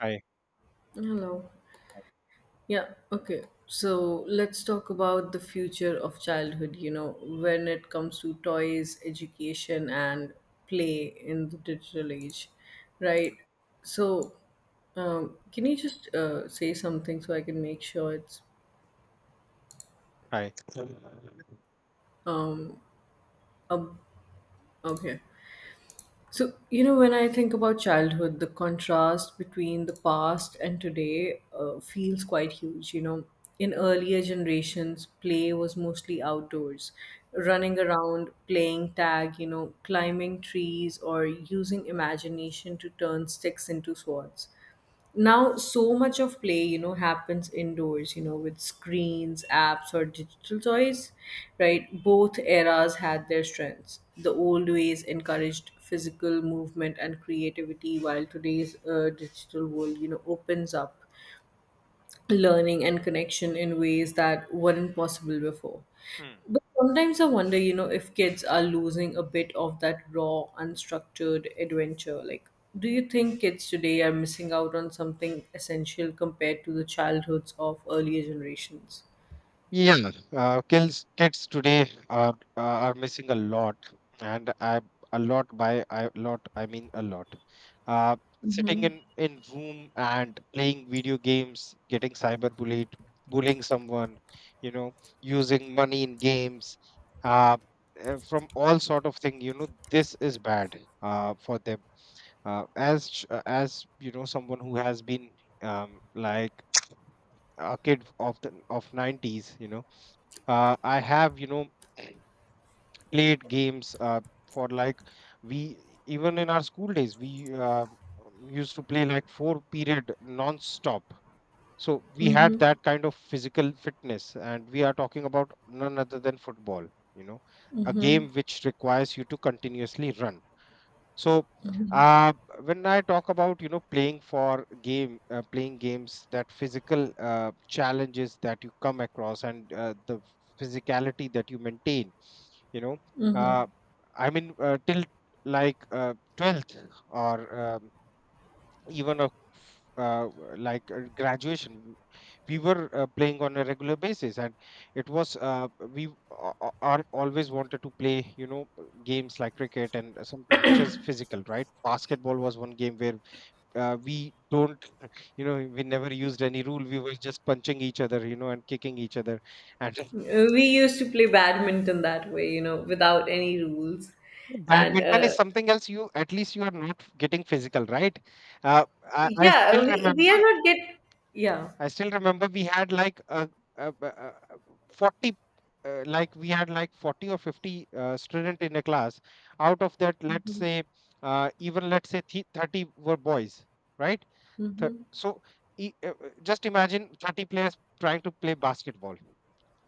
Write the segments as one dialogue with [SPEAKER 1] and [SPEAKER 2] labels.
[SPEAKER 1] Hi.
[SPEAKER 2] Hello. Yeah, okay. So let's talk about the future of childhood, you know, when it comes to toys, education, and play in the digital age, right? So, can you just say something so I can make sure it's
[SPEAKER 1] Hi.
[SPEAKER 2] up, up here? So, you know, when I think about childhood, the contrast between the past and today feels quite huge. You know, in earlier generations, play was mostly outdoors, running around, playing tag, you know, climbing trees, or using imagination to turn sticks into swords. Now so much of play, you know, happens indoors, you know, with screens, apps, or digital toys, right? Both eras had their strengths. The old ways encouraged physical movement and creativity, while today's digital world, you know, opens up learning and connection in ways that weren't possible before.
[SPEAKER 1] Hmm.
[SPEAKER 2] But sometimes I wonder, you know, if kids are losing a bit of that raw, unstructured adventure. Like, do you think kids today are missing out on something essential compared to the childhoods of earlier generations?
[SPEAKER 1] Yeah, kids today are missing a lot, and I a lot, by a lot I mean a lot. Uh, Sitting in room and playing video games, getting cyberbullied, bullying someone, you know, using money in games, uh, from all sort of thing. You know, this is bad for them. As you know, someone who has been um, like a kid of the of 90s, I have, played games for like, we, even in our school days, we used to play like four period non-stop. So we had that kind of physical fitness, and we are talking about none other than football, you know, a game which requires you to continuously run. So, uh, when I talk about, you know, playing for game, playing games, that physical challenges that you come across, and the physicality that you maintain, you know, uh, I mean, till like 12th or even a uh, like graduation, we were playing on a regular basis, and it was, we are always wanted to play, you know, games like cricket and something which is physical, right? Basketball was one game where we don't you know, we never used any rule, we were just punching each other, you know, and kicking each other, and
[SPEAKER 2] We used to play badminton that way, you know, without any rules. And
[SPEAKER 1] badminton is
[SPEAKER 2] uh,
[SPEAKER 1] something else. You, at least you are not getting physical, right? Uh, I, I
[SPEAKER 2] yeah,
[SPEAKER 1] still
[SPEAKER 2] we, we are
[SPEAKER 1] remember.
[SPEAKER 2] not get yeah.
[SPEAKER 1] We had like a 40, like we had like 40 or 50 student in a class. Out of that, let's
[SPEAKER 2] Mm-hmm.
[SPEAKER 1] say, even let's say thi- 30 were boys, right? Th-
[SPEAKER 2] Mm-hmm.
[SPEAKER 1] so just imagine 30 players trying to play basketball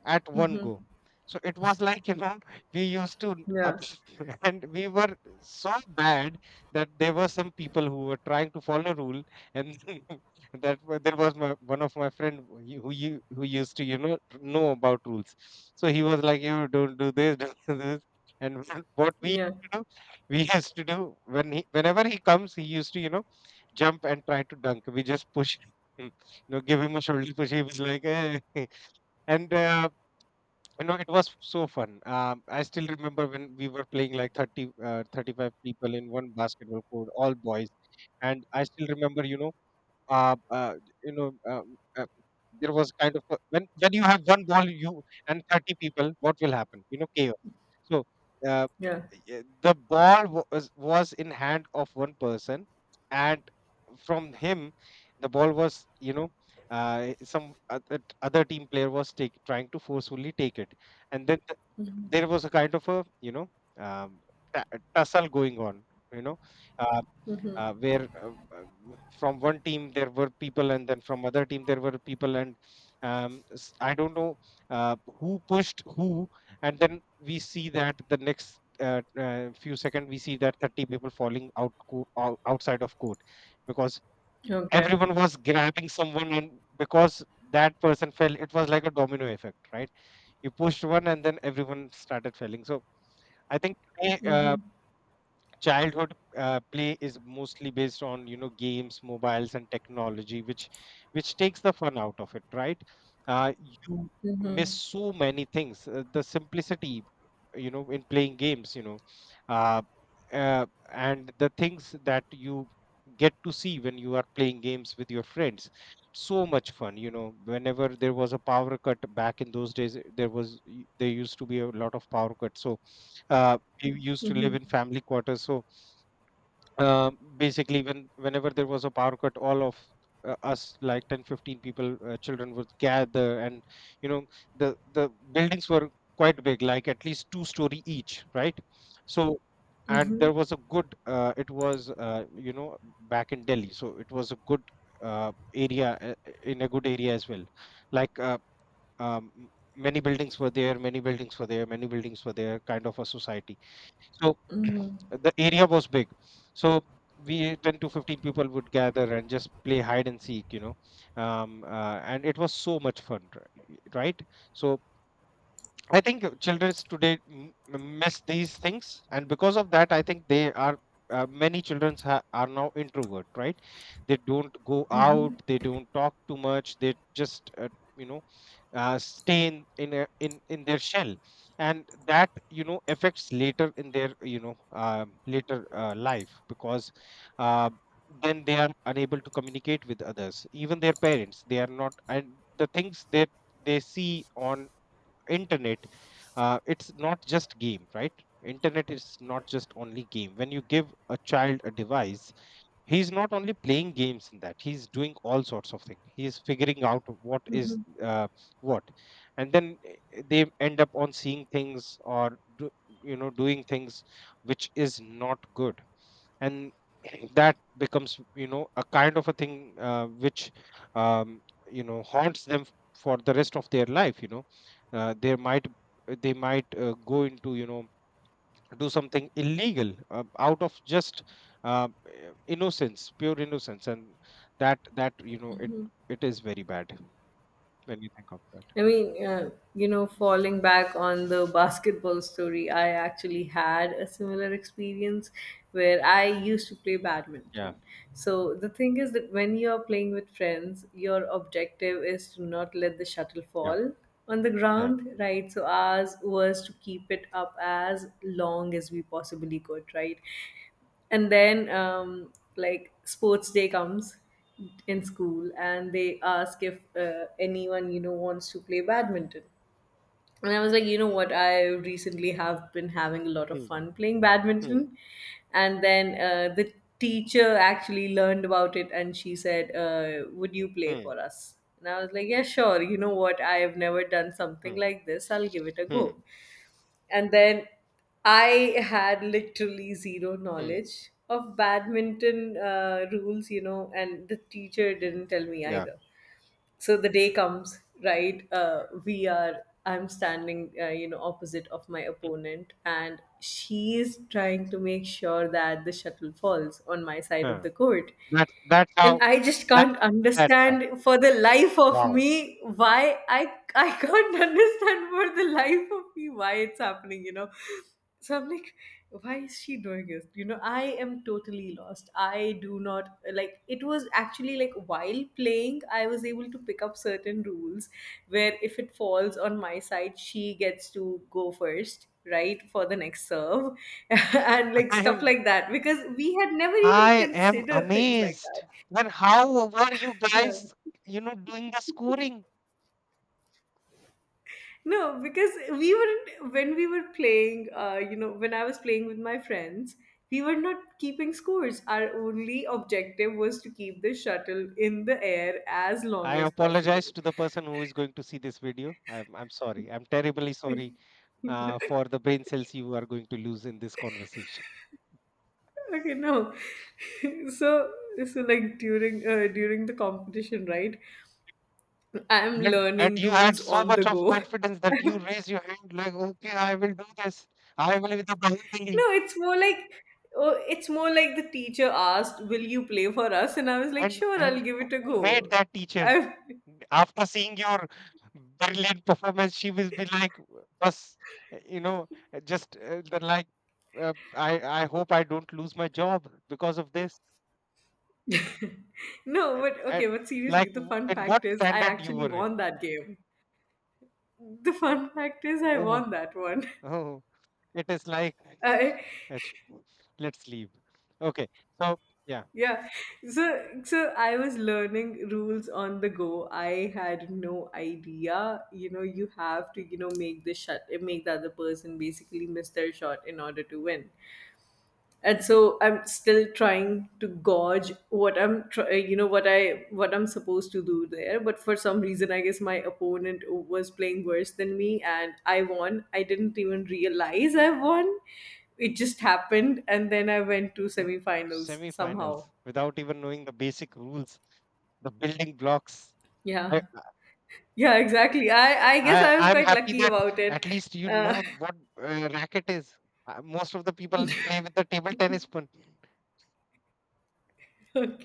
[SPEAKER 1] at one go. So it was like, you know, we used to, up-
[SPEAKER 2] Yeah.
[SPEAKER 1] and we were so bad that there were some people who were trying to follow rule, and there was my, one of my friend who used to, you know about rules. So he was like, you don't do this, don't do this, and what we
[SPEAKER 2] Yeah.
[SPEAKER 1] used to do, we used to do when whenever he comes, he used to, you know, jump and try to dunk. We just push him, you know, give him a shoulder push. He was like, "Eh." And you know, it was so fun. I still remember when we were playing like 30, 35 people in one basketball court, all boys. And I still remember, you know, uh, uh, you know, uh, uh, there was kind of a, when you have one ball, you and 30 people, what will happen? You know, chaos. So uh,
[SPEAKER 2] Yeah.
[SPEAKER 1] yeah, the ball was in hand of one person, and from him, the ball was, you know. Some other team player was trying to forcefully take it, and then there was a kind of a, you know, um, ta- tussle going on. You know, uh, where from one team there were people, and then from other team there were people, and I don't know who pushed who. And then we see that the next few seconds, we see that 30 people falling out, outside of court, because
[SPEAKER 2] Okay.
[SPEAKER 1] everyone was grabbing someone, and because that person fell, it was like a domino effect, right? You pushed one, and then everyone started falling. So I think today,
[SPEAKER 2] Mm-hmm.
[SPEAKER 1] childhood play is mostly based on, you know, games, mobiles, and technology, which, takes the fun out of it, right? You miss so many things, the simplicity, you know, in playing games, uh, uh, and the things that you get to see when you are playing games with your friends. So much fun, you know. Whenever there was a power cut back in those days, there was there used to be a lot of power cuts, so uh, we used to live in
[SPEAKER 2] Hmm.
[SPEAKER 1] family quarters. So uh, basically, whenever there was a power cut, all of us, like 10, 15 people, children would gather, and, you know, the buildings were quite big, like at least two story each, right? So, and
[SPEAKER 2] Hmm.
[SPEAKER 1] there was a good, it was, back in Delhi, so it was a good area, in a good area as well, like, um, many buildings were there, kind of a society. So the area was big. So we 10 to 15 people would gather and just play hide and seek, you know. And it was so much fun, right? So I think children today miss these things. And because of that, I think they are. Many children are now introvert, right? They don't go out, they don't talk too much, they just you know stay in, a, in in their shell. And that, you know, affects later in their, you know, later life, because uh, then they are unable to communicate with others, even their parents, they are not. And the things that they see on internet, it's not just game, right? Internet is not just only game. When you give a child a device, he's not only playing games in that, he's doing all sorts of things, he's figuring out what is, what and then they end up on seeing things or you know, doing things, which is not good. And that becomes, you know, a kind of a thing, which, um, you know, haunts them for the rest of their life, you know. uh, they might they might go into, you know, do something illegal, out of just, innocence, pure innocence. And that, you know, it is very bad when you think of that.
[SPEAKER 2] I mean, you know, falling back on the basketball story, I actually had a similar experience where I used to play
[SPEAKER 1] Yeah,
[SPEAKER 2] badminton. So the thing is that when you are playing with friends, your objective is to not let the shuttle
[SPEAKER 1] yeah,
[SPEAKER 2] fall on the
[SPEAKER 1] yeah.
[SPEAKER 2] ground, right? So ours was to keep it up as long as we possibly could, right? And then like sports day comes in school, and they ask if anyone, you know, wants to play badminton. And I was like, you know what, I recently have been having a lot of
[SPEAKER 1] Hmm,
[SPEAKER 2] fun playing
[SPEAKER 1] hmm,
[SPEAKER 2] badminton. And then the teacher actually learned about it, and she said, would you play
[SPEAKER 1] hmm,
[SPEAKER 2] for us? And I was like, yeah, sure, you know what, I have never done something
[SPEAKER 1] hmm,
[SPEAKER 2] like this, I'll give it a go.
[SPEAKER 1] hmm,
[SPEAKER 2] And then I had literally zero
[SPEAKER 1] hmm.
[SPEAKER 2] knowledge of badminton rules, you know, and the teacher didn't tell me
[SPEAKER 1] Yeah,
[SPEAKER 2] either. So the day comes, right? We are, I'm standing, you know, opposite of my opponent, and she is trying to make sure that the shuttle falls on my side of
[SPEAKER 1] uh,
[SPEAKER 2] the court.
[SPEAKER 1] that's how,
[SPEAKER 2] And I just
[SPEAKER 1] that
[SPEAKER 2] can't
[SPEAKER 1] that's how.
[SPEAKER 2] understand for the life of
[SPEAKER 1] Wow,
[SPEAKER 2] me why I can't understand for the life of me why it's happening, you know. So I'm like, why is she doing this? You know, I am totally lost. I do not like, it was actually like while playing, I was able to pick up certain rules where if it falls on my side, she gets to go first, right, for the next serve and like
[SPEAKER 1] i
[SPEAKER 2] stuff
[SPEAKER 1] am
[SPEAKER 2] like that, because we had never even
[SPEAKER 1] I am
[SPEAKER 2] considered things like
[SPEAKER 1] amazed.
[SPEAKER 2] that.
[SPEAKER 1] And how were you
[SPEAKER 2] Yeah.
[SPEAKER 1] guys, you know, doing the scoring?
[SPEAKER 2] No, because we weren't when we were playing. You know, when I was playing with my friends, we were not keeping scores. Our only objective was to keep the shuttle in the air as
[SPEAKER 1] I
[SPEAKER 2] long as
[SPEAKER 1] apologize
[SPEAKER 2] possible.
[SPEAKER 1] to the person who is going to see this video. I'm sorry, I'm terribly sorry for the brain cells you are going to lose in this conversation.
[SPEAKER 2] Okay, no. so so like during the competition, right? I'm
[SPEAKER 1] And
[SPEAKER 2] learning
[SPEAKER 1] you had
[SPEAKER 2] rules
[SPEAKER 1] so
[SPEAKER 2] on
[SPEAKER 1] much
[SPEAKER 2] the
[SPEAKER 1] of
[SPEAKER 2] go.
[SPEAKER 1] confidence that you raised your hand like, okay, I will do this. I will with the
[SPEAKER 2] No,
[SPEAKER 1] Bahubali.
[SPEAKER 2] it's more like oh, it's more like the teacher asked, "Will you play for us?" And I was like,
[SPEAKER 1] And
[SPEAKER 2] "Sure, I'll
[SPEAKER 1] and
[SPEAKER 2] give
[SPEAKER 1] who
[SPEAKER 2] it a go."
[SPEAKER 1] made that teacher?
[SPEAKER 2] I,
[SPEAKER 1] After seeing your brilliant performance, she will be like, us, you know, just the like. I hope I don't lose my job because of this.
[SPEAKER 2] no,
[SPEAKER 1] And,
[SPEAKER 2] but
[SPEAKER 1] and,
[SPEAKER 2] okay, but seriously,
[SPEAKER 1] like,
[SPEAKER 2] the fun
[SPEAKER 1] in what
[SPEAKER 2] fact is I
[SPEAKER 1] standard you
[SPEAKER 2] actually
[SPEAKER 1] were in?
[SPEAKER 2] won that game. The fun fact is I
[SPEAKER 1] Oh,
[SPEAKER 2] won that one.
[SPEAKER 1] oh, it is like.
[SPEAKER 2] I,
[SPEAKER 1] Ach- Let's leave. Okay. So, yeah,
[SPEAKER 2] yeah. So I was learning rules on the go. I had no idea. You know, you have to, you know, make the shot, make the other person basically miss their shot in order to win. And so I'm still trying to gauge you know, what I'm supposed to do there, but for some reason I guess my opponent was playing worse than me, and I won. I didn't even realize I won, it just happened. And then I went to semifinals somehow.
[SPEAKER 1] semifinals without even knowing the basic rules, the building blocks.
[SPEAKER 2] Yeah,
[SPEAKER 1] I,
[SPEAKER 2] yeah, exactly, I guess I was
[SPEAKER 1] I'm
[SPEAKER 2] quite
[SPEAKER 1] happy
[SPEAKER 2] lucky
[SPEAKER 1] that
[SPEAKER 2] about it.
[SPEAKER 1] at least you
[SPEAKER 2] uh,
[SPEAKER 1] know what racket is. Most of the people play with the table tennis one.
[SPEAKER 2] okay.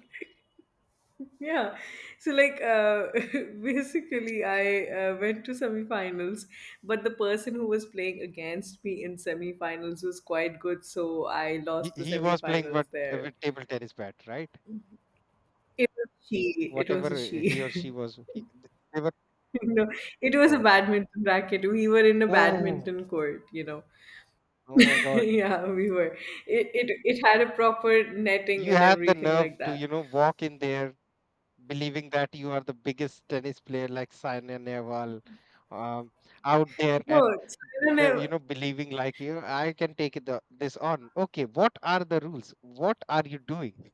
[SPEAKER 2] Yeah, so like basically, I went to semifinals, but the person who was playing against me in semifinals was quite good, so I lost the
[SPEAKER 1] He was playing
[SPEAKER 2] semifinals
[SPEAKER 1] what,
[SPEAKER 2] there.
[SPEAKER 1] with table tennis bat, right?
[SPEAKER 2] It was she. It was a
[SPEAKER 1] Whatever,
[SPEAKER 2] she.
[SPEAKER 1] he or she was, they were.
[SPEAKER 2] No, it was a
[SPEAKER 1] Oh,
[SPEAKER 2] badminton racket. We were in a
[SPEAKER 1] oh,
[SPEAKER 2] badminton court, you know.
[SPEAKER 1] oh my God!
[SPEAKER 2] Yeah, we were. It had a proper netting
[SPEAKER 1] You
[SPEAKER 2] and
[SPEAKER 1] had the
[SPEAKER 2] everything like
[SPEAKER 1] nerve to, you
[SPEAKER 2] that.
[SPEAKER 1] know, walk in there believing that you are the biggest tennis player like Saina Nehwal, um, out there.
[SPEAKER 2] No,
[SPEAKER 1] And,
[SPEAKER 2] it's- I don't
[SPEAKER 1] you
[SPEAKER 2] know.
[SPEAKER 1] know, believing like you, I can take this on. Okay, what are the rules? What are you doing?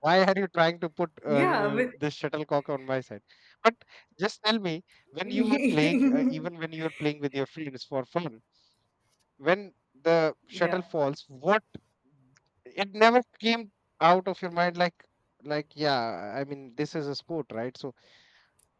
[SPEAKER 1] Why are you trying to put
[SPEAKER 2] Yeah, but
[SPEAKER 1] this shuttlecock on my side? But just tell me, when you were playing, even when you were playing with your friends for fun, when the shuttle
[SPEAKER 2] yeah.
[SPEAKER 1] falls, what, it never came out of your mind, like, yeah, I mean, this is a sport, right? So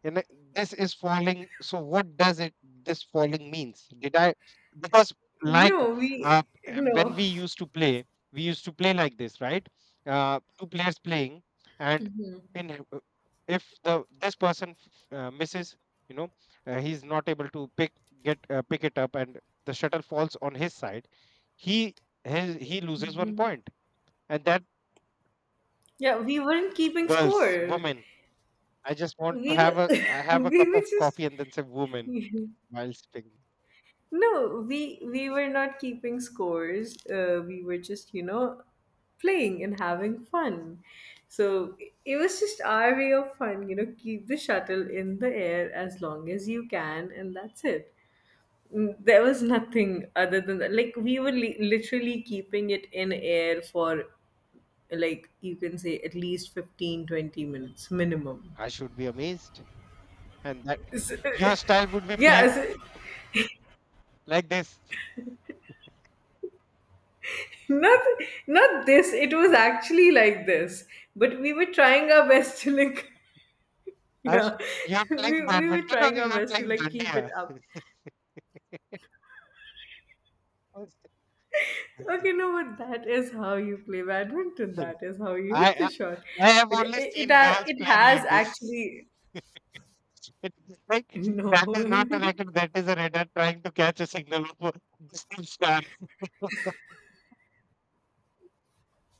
[SPEAKER 1] and this is falling. So what does it, this falling means? Did I, because, like,
[SPEAKER 2] No, we
[SPEAKER 1] when
[SPEAKER 2] no.
[SPEAKER 1] we used to play, we used to play like this, right? Two players playing, and in, if the this person misses, you know, he's not able to pick it up, and the shuttle falls on his side. He His, he loses one point, and that
[SPEAKER 2] Yeah, we weren't keeping
[SPEAKER 1] girls,
[SPEAKER 2] score.
[SPEAKER 1] women. I just want to
[SPEAKER 2] We were
[SPEAKER 1] have a I have a
[SPEAKER 2] we
[SPEAKER 1] cup
[SPEAKER 2] were
[SPEAKER 1] of
[SPEAKER 2] just
[SPEAKER 1] coffee and then say woman while speaking.
[SPEAKER 2] no, we were not keeping scores. We were just, you know, playing and having fun. So it was just our way of fun, you know, keep the shuttle in the air as long as you can, and that's it. Mm, there was nothing other than that. Like literally keeping it in air for like, you can say at least 15-20 minutes minimum.
[SPEAKER 1] I should be amazed, and that
[SPEAKER 2] S-
[SPEAKER 1] your style would be
[SPEAKER 2] yeah
[SPEAKER 1] playing
[SPEAKER 2] s-
[SPEAKER 1] like this.
[SPEAKER 2] not not this, it was
[SPEAKER 1] Yeah.
[SPEAKER 2] actually like this, but we were trying our best to like
[SPEAKER 1] Or
[SPEAKER 2] yeah
[SPEAKER 1] you're
[SPEAKER 2] we,
[SPEAKER 1] playing
[SPEAKER 2] we were
[SPEAKER 1] badminton or
[SPEAKER 2] trying our
[SPEAKER 1] you're
[SPEAKER 2] best to
[SPEAKER 1] playing
[SPEAKER 2] like keep it
[SPEAKER 1] dandiya.
[SPEAKER 2] up. Okay, no, but that is how you play badminton, that is how you
[SPEAKER 1] I,
[SPEAKER 2] hit the
[SPEAKER 1] I
[SPEAKER 2] shot.
[SPEAKER 1] I have
[SPEAKER 2] But
[SPEAKER 1] only seen girls
[SPEAKER 2] it
[SPEAKER 1] playing
[SPEAKER 2] has
[SPEAKER 1] like this.
[SPEAKER 2] actually
[SPEAKER 1] It's like,
[SPEAKER 2] no
[SPEAKER 1] that is not a racket, that is a radar trying to catch a signal of a distant star.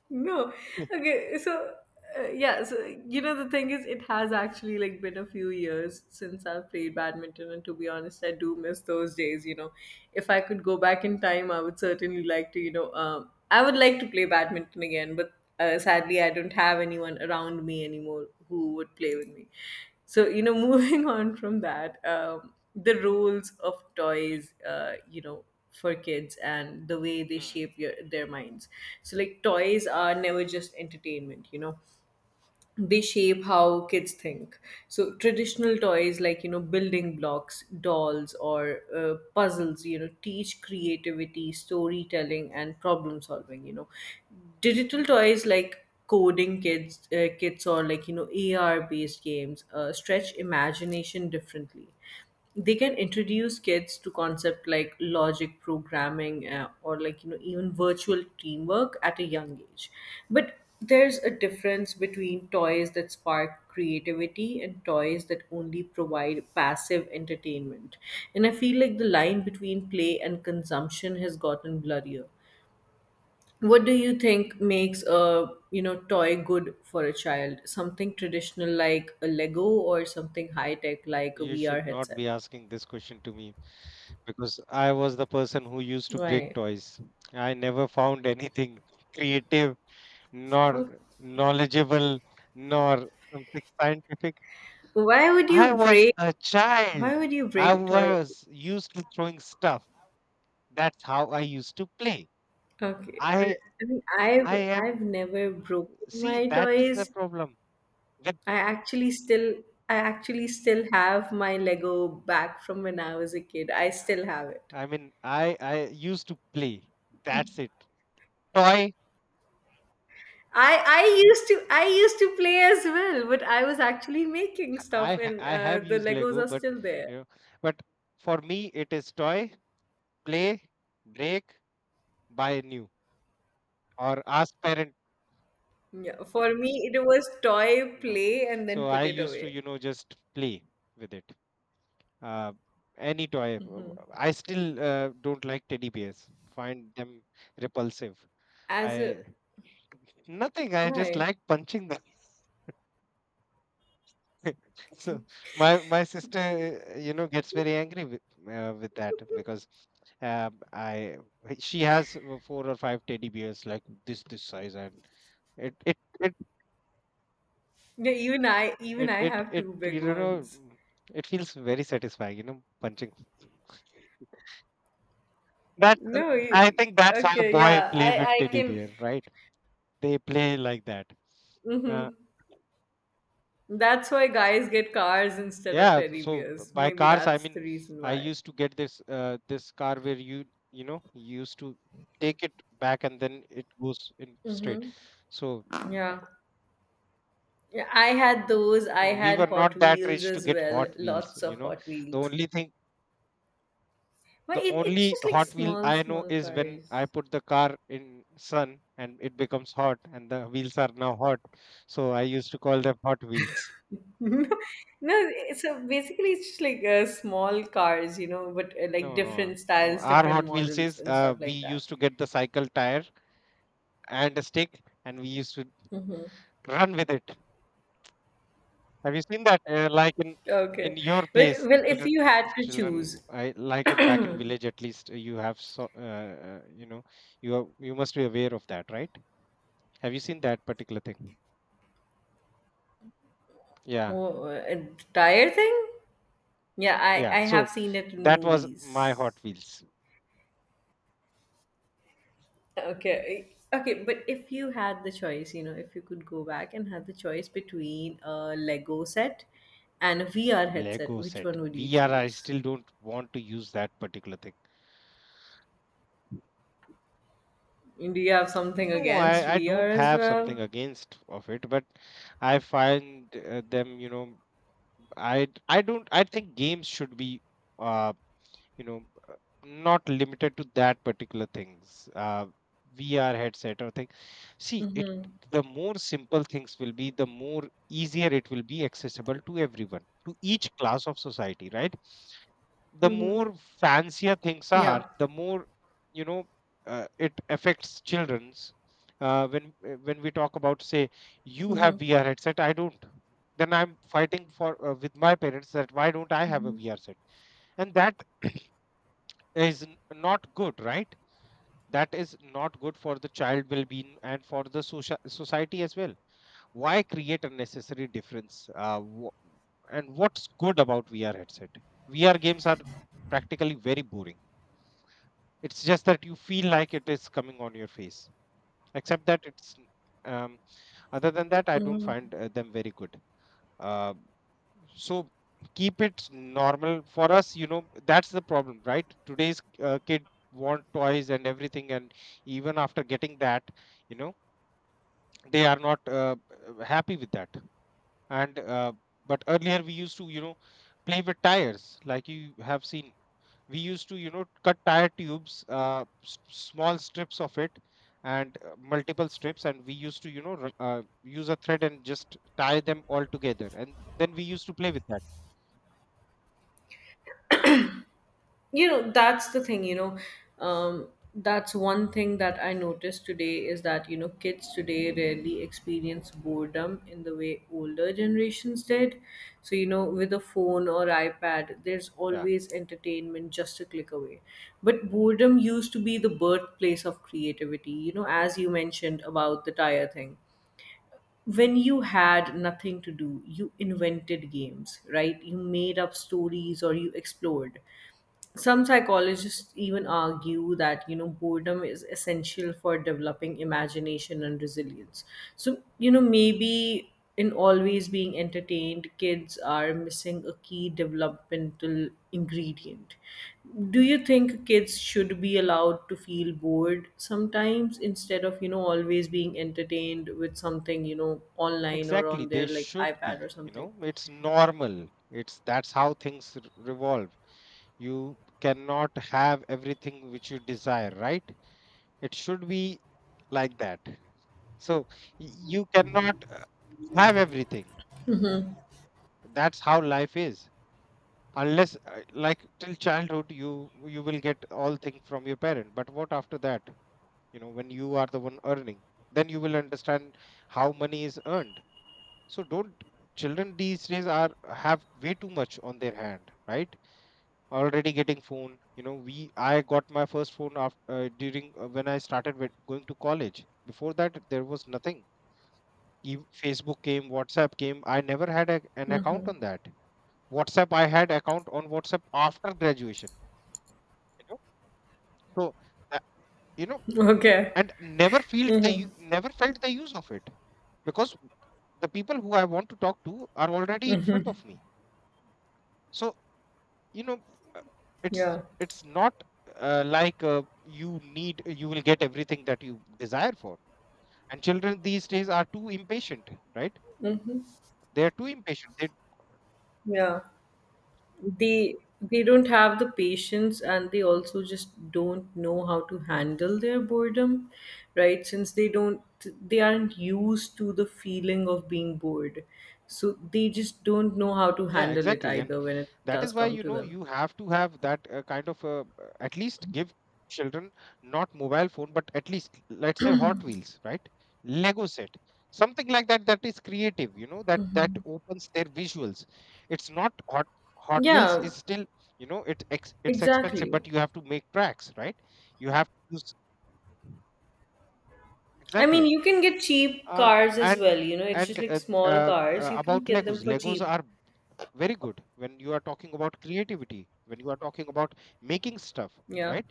[SPEAKER 2] no. Okay. So, yeah. So, you know, the thing is, it has actually like been a few years since I've played badminton, and to be honest, I do miss those days. You know, if I could go back in time, I would certainly like to. You know, I would like to play badminton again, but sadly, I don't have anyone around me anymore who would play with me. So, you know, moving on from that, the rules of toys. You know, for kids and the way they
[SPEAKER 1] Hmm.
[SPEAKER 2] shape your, their minds. So like toys are never just entertainment, you know, they shape how kids think. So traditional toys like, you know, building blocks, dolls, or puzzles, you know, teach creativity, storytelling, and problem solving, you know. Digital toys like coding kids kits, or like, you know, AR based games stretch imagination differently. They can introduce kids to concept like logic programming, or like, you know, even virtual teamwork at a young age. But there's a difference between toys that spark creativity and toys that only provide passive entertainment, and I feel like the line between play and consumption has gotten blurrier. What do you think makes a, you know, toy good for a child? Something traditional like a Lego, or something high tech like a
[SPEAKER 1] You
[SPEAKER 2] VR
[SPEAKER 1] should not
[SPEAKER 2] headset?
[SPEAKER 1] be asking this question to me because I was the person who used to break
[SPEAKER 2] Right.
[SPEAKER 1] toys. I never found anything creative, nor
[SPEAKER 2] Oh,
[SPEAKER 1] knowledgeable, nor something scientific.
[SPEAKER 2] why would
[SPEAKER 1] I
[SPEAKER 2] you
[SPEAKER 1] was
[SPEAKER 2] break?
[SPEAKER 1] a child.
[SPEAKER 2] Why would you
[SPEAKER 1] I
[SPEAKER 2] break toys?
[SPEAKER 1] was used to throwing stuff. That's how I used to play.
[SPEAKER 2] Okay,
[SPEAKER 1] I
[SPEAKER 2] I mean,
[SPEAKER 1] I
[SPEAKER 2] I've
[SPEAKER 1] am
[SPEAKER 2] I've never broken
[SPEAKER 1] see
[SPEAKER 2] my
[SPEAKER 1] that is the
[SPEAKER 2] toys.
[SPEAKER 1] problem. With
[SPEAKER 2] I actually still I actually still have my Lego back from when I was a kid. I still have it.
[SPEAKER 1] I used to play. That's it. Toy.
[SPEAKER 2] I used to play as well, but I was actually making stuff, and
[SPEAKER 1] I have
[SPEAKER 2] the
[SPEAKER 1] used
[SPEAKER 2] Legos
[SPEAKER 1] Lego,
[SPEAKER 2] are
[SPEAKER 1] but
[SPEAKER 2] still there.
[SPEAKER 1] you know, but for me it is toy, play, break, buy new, or ask parent.
[SPEAKER 2] Yeah, for me, it was toy
[SPEAKER 1] No.
[SPEAKER 2] play and
[SPEAKER 1] So
[SPEAKER 2] then
[SPEAKER 1] I
[SPEAKER 2] put it
[SPEAKER 1] used to,
[SPEAKER 2] away.
[SPEAKER 1] just play with it. Uh, any toy. I still don't like teddy bears. Find them repulsive.
[SPEAKER 2] As
[SPEAKER 1] I
[SPEAKER 2] a
[SPEAKER 1] Nothing. I just
[SPEAKER 2] why?
[SPEAKER 1] like punching them. So my sister, gets very angry with that because I she has four or five teddy bears like this size and it it it
[SPEAKER 2] Yeah, even I, even
[SPEAKER 1] it
[SPEAKER 2] I
[SPEAKER 1] it,
[SPEAKER 2] have
[SPEAKER 1] it
[SPEAKER 2] two big
[SPEAKER 1] you know
[SPEAKER 2] ones.
[SPEAKER 1] it feels very satisfying, you know, punching. That's
[SPEAKER 2] No,
[SPEAKER 1] I
[SPEAKER 2] you,
[SPEAKER 1] think that's how
[SPEAKER 2] okay,
[SPEAKER 1] boy
[SPEAKER 2] yeah,
[SPEAKER 1] play with
[SPEAKER 2] I
[SPEAKER 1] teddy
[SPEAKER 2] can.
[SPEAKER 1] bear, right? They play like that. Uh,
[SPEAKER 2] Hmm. That's why guys get cars instead of
[SPEAKER 1] yeah.
[SPEAKER 2] teddy bears.
[SPEAKER 1] By
[SPEAKER 2] Maybe
[SPEAKER 1] cars, I
[SPEAKER 2] that's
[SPEAKER 1] mean,
[SPEAKER 2] the reason
[SPEAKER 1] I
[SPEAKER 2] why.
[SPEAKER 1] used to get this this car where you know you used to take it back and then it goes in straight.
[SPEAKER 2] Mm-hmm.
[SPEAKER 1] So
[SPEAKER 2] Yeah. Yeah, I had those. I
[SPEAKER 1] we
[SPEAKER 2] had
[SPEAKER 1] were
[SPEAKER 2] Hot
[SPEAKER 1] not that
[SPEAKER 2] Wheels
[SPEAKER 1] rich to
[SPEAKER 2] as
[SPEAKER 1] get
[SPEAKER 2] well.
[SPEAKER 1] Hot Wheels.
[SPEAKER 2] Lots
[SPEAKER 1] You
[SPEAKER 2] of
[SPEAKER 1] know,
[SPEAKER 2] Hot
[SPEAKER 1] the
[SPEAKER 2] Wheels.
[SPEAKER 1] only thing,
[SPEAKER 2] But
[SPEAKER 1] the
[SPEAKER 2] it, it's
[SPEAKER 1] only
[SPEAKER 2] just like
[SPEAKER 1] Hot Wheel
[SPEAKER 2] small,
[SPEAKER 1] I know
[SPEAKER 2] small
[SPEAKER 1] is when
[SPEAKER 2] cars.
[SPEAKER 1] I put the car in sun and it becomes hot and the wheels are now hot. So I used to call them Hot Wheels.
[SPEAKER 2] No, so basically it's just like small cars, you know, but like
[SPEAKER 1] No, no.
[SPEAKER 2] different styles,
[SPEAKER 1] Our
[SPEAKER 2] different
[SPEAKER 1] Hot Wheels
[SPEAKER 2] models,
[SPEAKER 1] is,
[SPEAKER 2] and stuff
[SPEAKER 1] we
[SPEAKER 2] like that.
[SPEAKER 1] used to get the cycle tire and a stick, and we used to run with it. Have you seen that? Like in
[SPEAKER 2] Okay.
[SPEAKER 1] your
[SPEAKER 2] Well,
[SPEAKER 1] place,
[SPEAKER 2] well, if you had to
[SPEAKER 1] children,
[SPEAKER 2] choose
[SPEAKER 1] I like in back in village at least you have so you know you are, you must be aware of that, right? Have you seen that particular thing? Yeah,
[SPEAKER 2] a tire thing, yeah, I
[SPEAKER 1] yeah.
[SPEAKER 2] I have
[SPEAKER 1] So
[SPEAKER 2] seen it in
[SPEAKER 1] that was
[SPEAKER 2] movies.
[SPEAKER 1] my Hot Wheels.
[SPEAKER 2] Okay. Okay, but if you had the choice, you know, if you could go back and had the choice between a Lego set and a VR
[SPEAKER 1] Lego
[SPEAKER 2] headset, which
[SPEAKER 1] set.
[SPEAKER 2] one would you
[SPEAKER 1] VR, I
[SPEAKER 2] choose?
[SPEAKER 1] still don't want to use that particular thing.
[SPEAKER 2] Do you have something
[SPEAKER 1] No,
[SPEAKER 2] against
[SPEAKER 1] I
[SPEAKER 2] VR
[SPEAKER 1] don't
[SPEAKER 2] as
[SPEAKER 1] have
[SPEAKER 2] well?
[SPEAKER 1] something against of it, but I find them, you know, I don't I think games should be, uh, you know, uh, not limited to that particular things. VR headset or thing. See, it, the more simple things will be, the more easier it will be accessible to everyone, to each class of society, right? The
[SPEAKER 2] Hmm.
[SPEAKER 1] more fancier things are,
[SPEAKER 2] Yeah.
[SPEAKER 1] the more, you know, it affects children's. When we talk about, say, you have
[SPEAKER 2] Mm-hmm.
[SPEAKER 1] VR headset, I don't. Then I'm fighting for, with my parents, that why don't I have a
[SPEAKER 2] Mm-hmm.
[SPEAKER 1] VR set? And that is not good, right? That is not good for the child well-being and for the social society as well. Why create unnecessary difference? And what's good about VR headset? VR games are practically very boring. It's just that you feel like it is coming on your face. Except that it's um, other than that, I don't find them very good. Uh, so keep it normal for us. You know that's the problem, right? Today's kid want toys and everything, and even after getting that, you know they are not happy with that. And but earlier we used to, you know, play with tires, like you have seen. We used to, you know, cut tire tubes, small strips of it and multiple strips, and we used to, use a thread and just tie them all together, and then we used to play with that.
[SPEAKER 2] You know, that's the thing, you know, um that's one thing that I noticed today is that, you know, kids today rarely experience boredom in the way older generations did. So you know, with a phone or iPad there's
[SPEAKER 1] Yeah.
[SPEAKER 2] always entertainment just a click away. But boredom used to be the birthplace of creativity, you know, as
[SPEAKER 1] Hmm.
[SPEAKER 2] you mentioned about the tire thing. When you had nothing to do, you invented games, right? You made up stories, or you explored. Some psychologists even argue that, you know, boredom is essential for developing imagination and resilience. So you know, maybe in always being entertained, kids are missing a key developmental ingredient. Do you think kids should be allowed to feel bored sometimes instead of always being entertained with something online or
[SPEAKER 1] Exactly,
[SPEAKER 2] on
[SPEAKER 1] they
[SPEAKER 2] their like
[SPEAKER 1] should
[SPEAKER 2] iPad or
[SPEAKER 1] be. You
[SPEAKER 2] something?
[SPEAKER 1] know, it's normal. It's That's how things revolve. You cannot have everything which you desire, right? It should be like that. So you cannot have everything. That's how life is. Unless like till childhood you you will get all things from your parent, but what after that? You know, when you are the one earning, then you will understand how money is earned. So don't, children these days are have way too much on their hand, right? Already getting phone. You know, we I got my first phone after, during when I started with going to college. Before that, there was nothing. Facebook came, WhatsApp came, I never had a, an account on that. WhatsApp, I had account on WhatsApp after graduation, you know. So, uh, you know
[SPEAKER 2] Okay.
[SPEAKER 1] and never felt the never felt the use of it, because the people who I want to talk to are already in front of me. So, you know uh, it's
[SPEAKER 2] Yeah.
[SPEAKER 1] it's not uh, like uh, you need, you will get everything that you desire for. And children these days are too impatient, right? They are too impatient. They...
[SPEAKER 2] Yeah. they they don't have the patience, and they also just don't know how to handle their boredom, right? Since they don't, they aren't used to the feeling of being bored, so they just don't know how to
[SPEAKER 1] Yeah,
[SPEAKER 2] handle it
[SPEAKER 1] exactly. And
[SPEAKER 2] either when it
[SPEAKER 1] that
[SPEAKER 2] does
[SPEAKER 1] is why,
[SPEAKER 2] come
[SPEAKER 1] you
[SPEAKER 2] to
[SPEAKER 1] know,
[SPEAKER 2] them.
[SPEAKER 1] you have to have that kind of, at least give children not mobile phone, but at least let's say Hot Wheels, right? Lego set, something like that that is creative, you know, that that opens their visuals. It's not Hot Wheels
[SPEAKER 2] Yeah,
[SPEAKER 1] is still, you know, it's expensive,
[SPEAKER 2] exactly.
[SPEAKER 1] but you have to make tracks, right? You have to use,
[SPEAKER 2] I mean,
[SPEAKER 1] exactly.
[SPEAKER 2] you can get cheap
[SPEAKER 1] Uh,
[SPEAKER 2] cars as
[SPEAKER 1] and
[SPEAKER 2] well, you know, it's just like small cars, you can
[SPEAKER 1] about
[SPEAKER 2] get them
[SPEAKER 1] Legos,
[SPEAKER 2] for
[SPEAKER 1] Legos
[SPEAKER 2] cheap.
[SPEAKER 1] are very good when you are talking about creativity, when you are talking about making stuff,
[SPEAKER 2] Yeah.
[SPEAKER 1] right?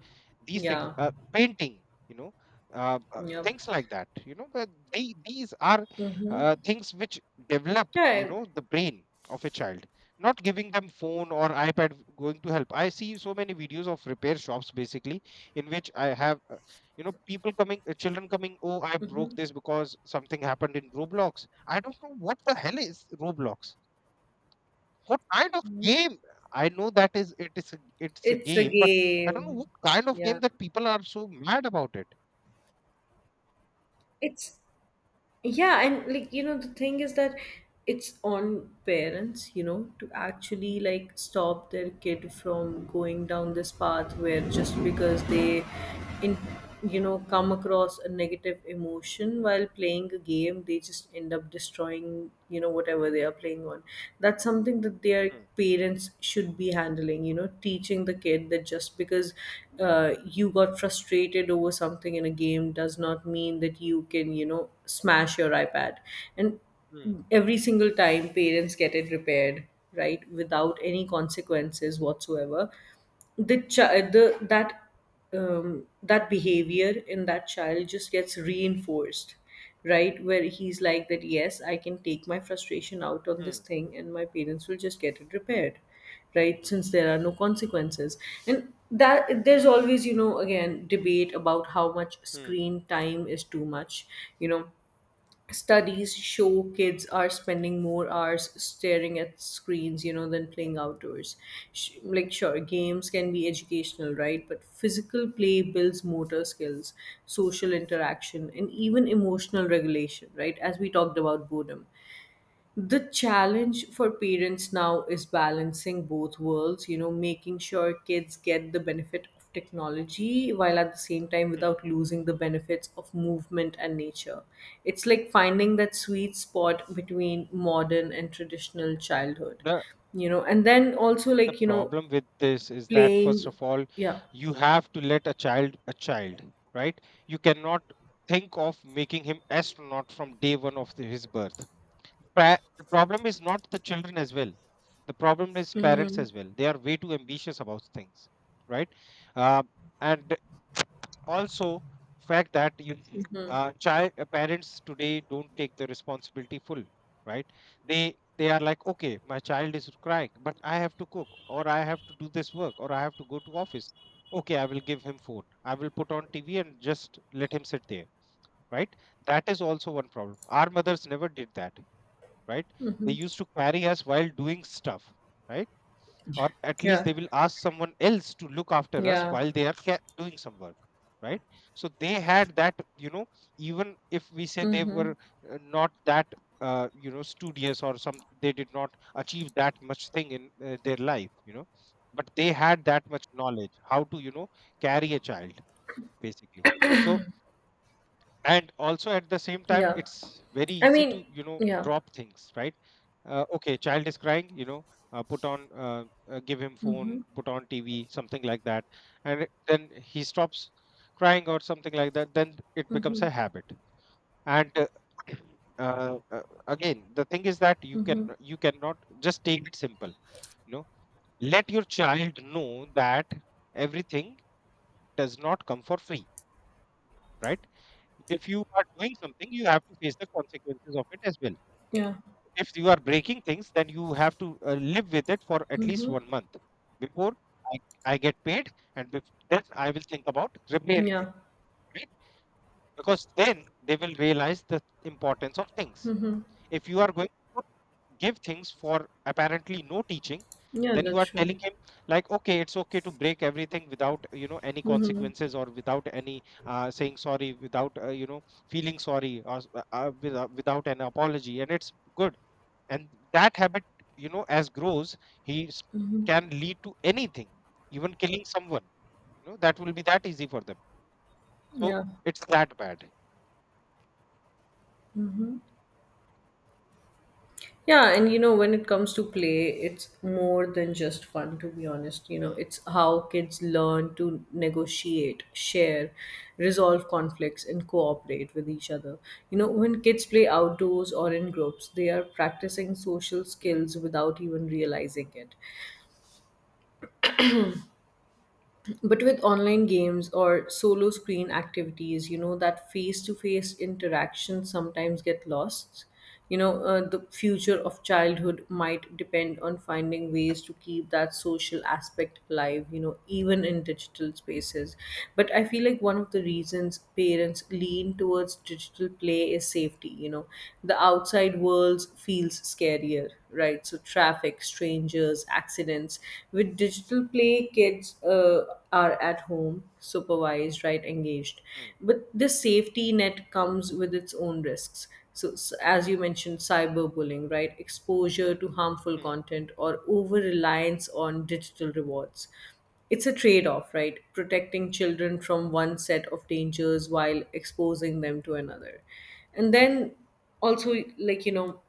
[SPEAKER 1] These things,
[SPEAKER 2] Yeah.
[SPEAKER 1] painting, you know,
[SPEAKER 2] Yep.
[SPEAKER 1] things like that, you know. But these are
[SPEAKER 2] Mm-hmm.
[SPEAKER 1] things which develop, you
[SPEAKER 2] Yeah.
[SPEAKER 1] know, the brain of a child. Not giving them phone or iPad going to help. I see so many videos of repair shops basically, in which I have, people coming, children coming, oh, I broke
[SPEAKER 2] Mm-hmm.
[SPEAKER 1] this because something happened in Roblox. I don't know what the hell is Roblox, what kind of
[SPEAKER 2] Mm-hmm.
[SPEAKER 1] game. I know that is, it is a, it's a
[SPEAKER 2] It's a
[SPEAKER 1] game, but I don't know
[SPEAKER 2] game.
[SPEAKER 1] what kind of game
[SPEAKER 2] Yeah.
[SPEAKER 1] that people are so mad about it.
[SPEAKER 2] It's, yeah, and like, you know, the thing is that it's on parents, you know, to actually like stop their kid from going down this path where just because they, in you know, come across a negative emotion while playing a game, they just end up destroying, you know, whatever they are playing on. That's something that their
[SPEAKER 1] Hmm,
[SPEAKER 2] parents should be handling, you know, teaching the kid that just because you got frustrated over something in a game does not mean that you can, you know, smash your iPad. And
[SPEAKER 1] hmm,
[SPEAKER 2] every single time parents get it repaired, right, without any consequences whatsoever, the child the that that behavior in that child just gets reinforced, right, where he's like that, yes, I can take my frustration out on this
[SPEAKER 1] hmm,
[SPEAKER 2] thing and my parents will just get it repaired, right, since there are no consequences. And that, there's always, you know, again, debate about how much
[SPEAKER 1] hmm,
[SPEAKER 2] screen time is too much, you know. Studies show kids are spending more hours staring at screens, you know, than playing outdoors. Like, sure, games can be educational, right? But physical play builds motor skills, social interaction, and even emotional regulation, right? As we talked about boredom. The challenge for parents now is balancing both worlds, you know, making sure kids get the benefit of technology while at the same time
[SPEAKER 1] hmm.
[SPEAKER 2] without losing the benefits of movement and nature. It's like finding that sweet spot between modern and traditional childhood,
[SPEAKER 1] The
[SPEAKER 2] you know, and then also
[SPEAKER 1] the
[SPEAKER 2] like, you know,
[SPEAKER 1] problem with this is that first
[SPEAKER 2] playing,
[SPEAKER 1] of all,
[SPEAKER 2] yeah.
[SPEAKER 1] you have to let a child, right? You cannot think of making him astronaut from day one of his birth. The problem is not the children as well. The problem is parents
[SPEAKER 2] Mm,
[SPEAKER 1] as well. They are way too ambitious about things, right? Uh, and also, fact that you child parents today don't take the responsibility full, right? They are like, okay, my child is crying, but I have to cook, or I have to do this work, or I have to go to office. Okay, I will give him food, I will put on TV and just let him sit there, right? That is also one problem. Our mothers never did that, right? They used to carry us while doing stuff, right? Or at least
[SPEAKER 2] yeah.
[SPEAKER 1] they will ask someone else to look after us
[SPEAKER 2] Yeah.
[SPEAKER 1] while they are doing some work, right? So they had that, you know, even if we say they
[SPEAKER 2] Mm,
[SPEAKER 1] were not that studious or some, they did not achieve that much thing in their life, you know, but they had that much knowledge how to, you know, carry a child basically. So, and also at the same time
[SPEAKER 2] yeah.
[SPEAKER 1] it's very
[SPEAKER 2] I
[SPEAKER 1] easy
[SPEAKER 2] mean,
[SPEAKER 1] to, you know,
[SPEAKER 2] yeah.
[SPEAKER 1] drop things, right? Okay, child is crying, you know, put on give him phone, put on TV, something like that, and then he stops crying, or something like that, then it becomes a habit. And uh, uh, again, the thing is that you cannot just take it simple. You know, let your child know that everything does not come for free, right? If you are doing something, you have to face the consequences of it as well.
[SPEAKER 2] Yeah.
[SPEAKER 1] If you are breaking things, then you have to live with it for at least one month before I, I get paid, and then I will think about repairing it,
[SPEAKER 2] Yeah.
[SPEAKER 1] right? Because then they will realize the importance of things. If you are going to put give things for apparently no teaching,
[SPEAKER 2] Yeah,
[SPEAKER 1] then you
[SPEAKER 2] that's
[SPEAKER 1] are
[SPEAKER 2] true.
[SPEAKER 1] telling him like, okay, it's okay to break everything without, you know, any consequences, or without any, saying sorry, without, feeling sorry, without, without an apology, and it's good. And that habit, you know, as grows, he s- can lead to anything, even killing someone. You know, that will be that easy for them. So,
[SPEAKER 2] Yeah.
[SPEAKER 1] it's that bad.
[SPEAKER 2] Yeah, and you know, when it comes to play, it's more than just fun, to be honest. You know,
[SPEAKER 1] Hmm,
[SPEAKER 2] it's how kids learn to negotiate, share, resolve conflicts, and cooperate with each other. You know, when kids play outdoors or in groups, they are practicing social
[SPEAKER 1] hmm,
[SPEAKER 2] skills without even realizing it. But with online games or solo screen activities, you know, that face to face interaction sometimes get lost. You know, the future of childhood might depend on finding ways to keep that social aspect alive, you know, even in digital spaces. But I feel like one of the reasons parents lean towards digital play is safety, you know, the outside world feels scarier, right? So, traffic, strangers, versus accidents. With digital play, kids are at home, supervised, right, engaged.
[SPEAKER 1] hmm,
[SPEAKER 2] But this safety net comes with its own risks. So, as you mentioned, cyberbullying, right, exposure to harmful
[SPEAKER 1] hmm.
[SPEAKER 2] content or over reliance on digital rewards, it's a trade off, right? Protecting children from one set of dangers while exposing them to another. And then also, like, you know,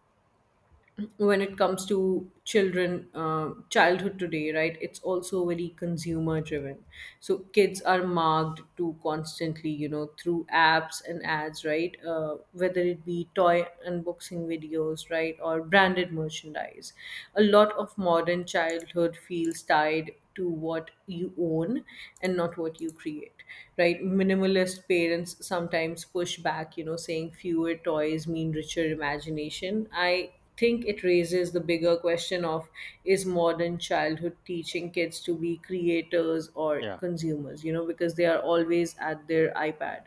[SPEAKER 2] when it comes to children, childhood today, right, it's also very consumer driven. So kids are marked to constantly, you know, through apps and ads, right, whether it be toy unboxing videos, right, or branded merchandise. A lot of modern childhood feels tied to what you own and not what you create, right? Minimalist parents sometimes push back, you know, saying fewer toys mean richer imagination. I think it raises the bigger question of, is modern childhood teaching kids to be creators or
[SPEAKER 1] Yeah.
[SPEAKER 2] consumers, you know, because they are always at their iPad?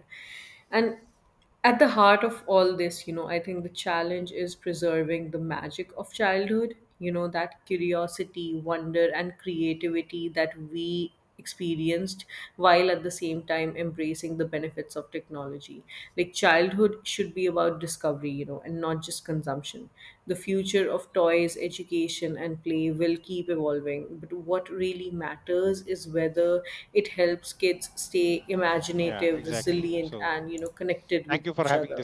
[SPEAKER 2] And at the heart of all this, you know, I think the challenge is preserving the magic of childhood, you know, that curiosity, wonder, and creativity that we experienced while at the same time embracing the benefits of technology. Like
[SPEAKER 1] Hmm.
[SPEAKER 2] childhood should be about discovery, you know, and not just consumption. The future of toys, education, and play will keep evolving, but what really matters is whether it helps kids stay
[SPEAKER 1] Yeah,
[SPEAKER 2] imaginative,
[SPEAKER 1] exactly.
[SPEAKER 2] resilient,
[SPEAKER 1] So,
[SPEAKER 2] and, you know, connected with
[SPEAKER 1] thank you for
[SPEAKER 2] each
[SPEAKER 1] having.
[SPEAKER 2] other.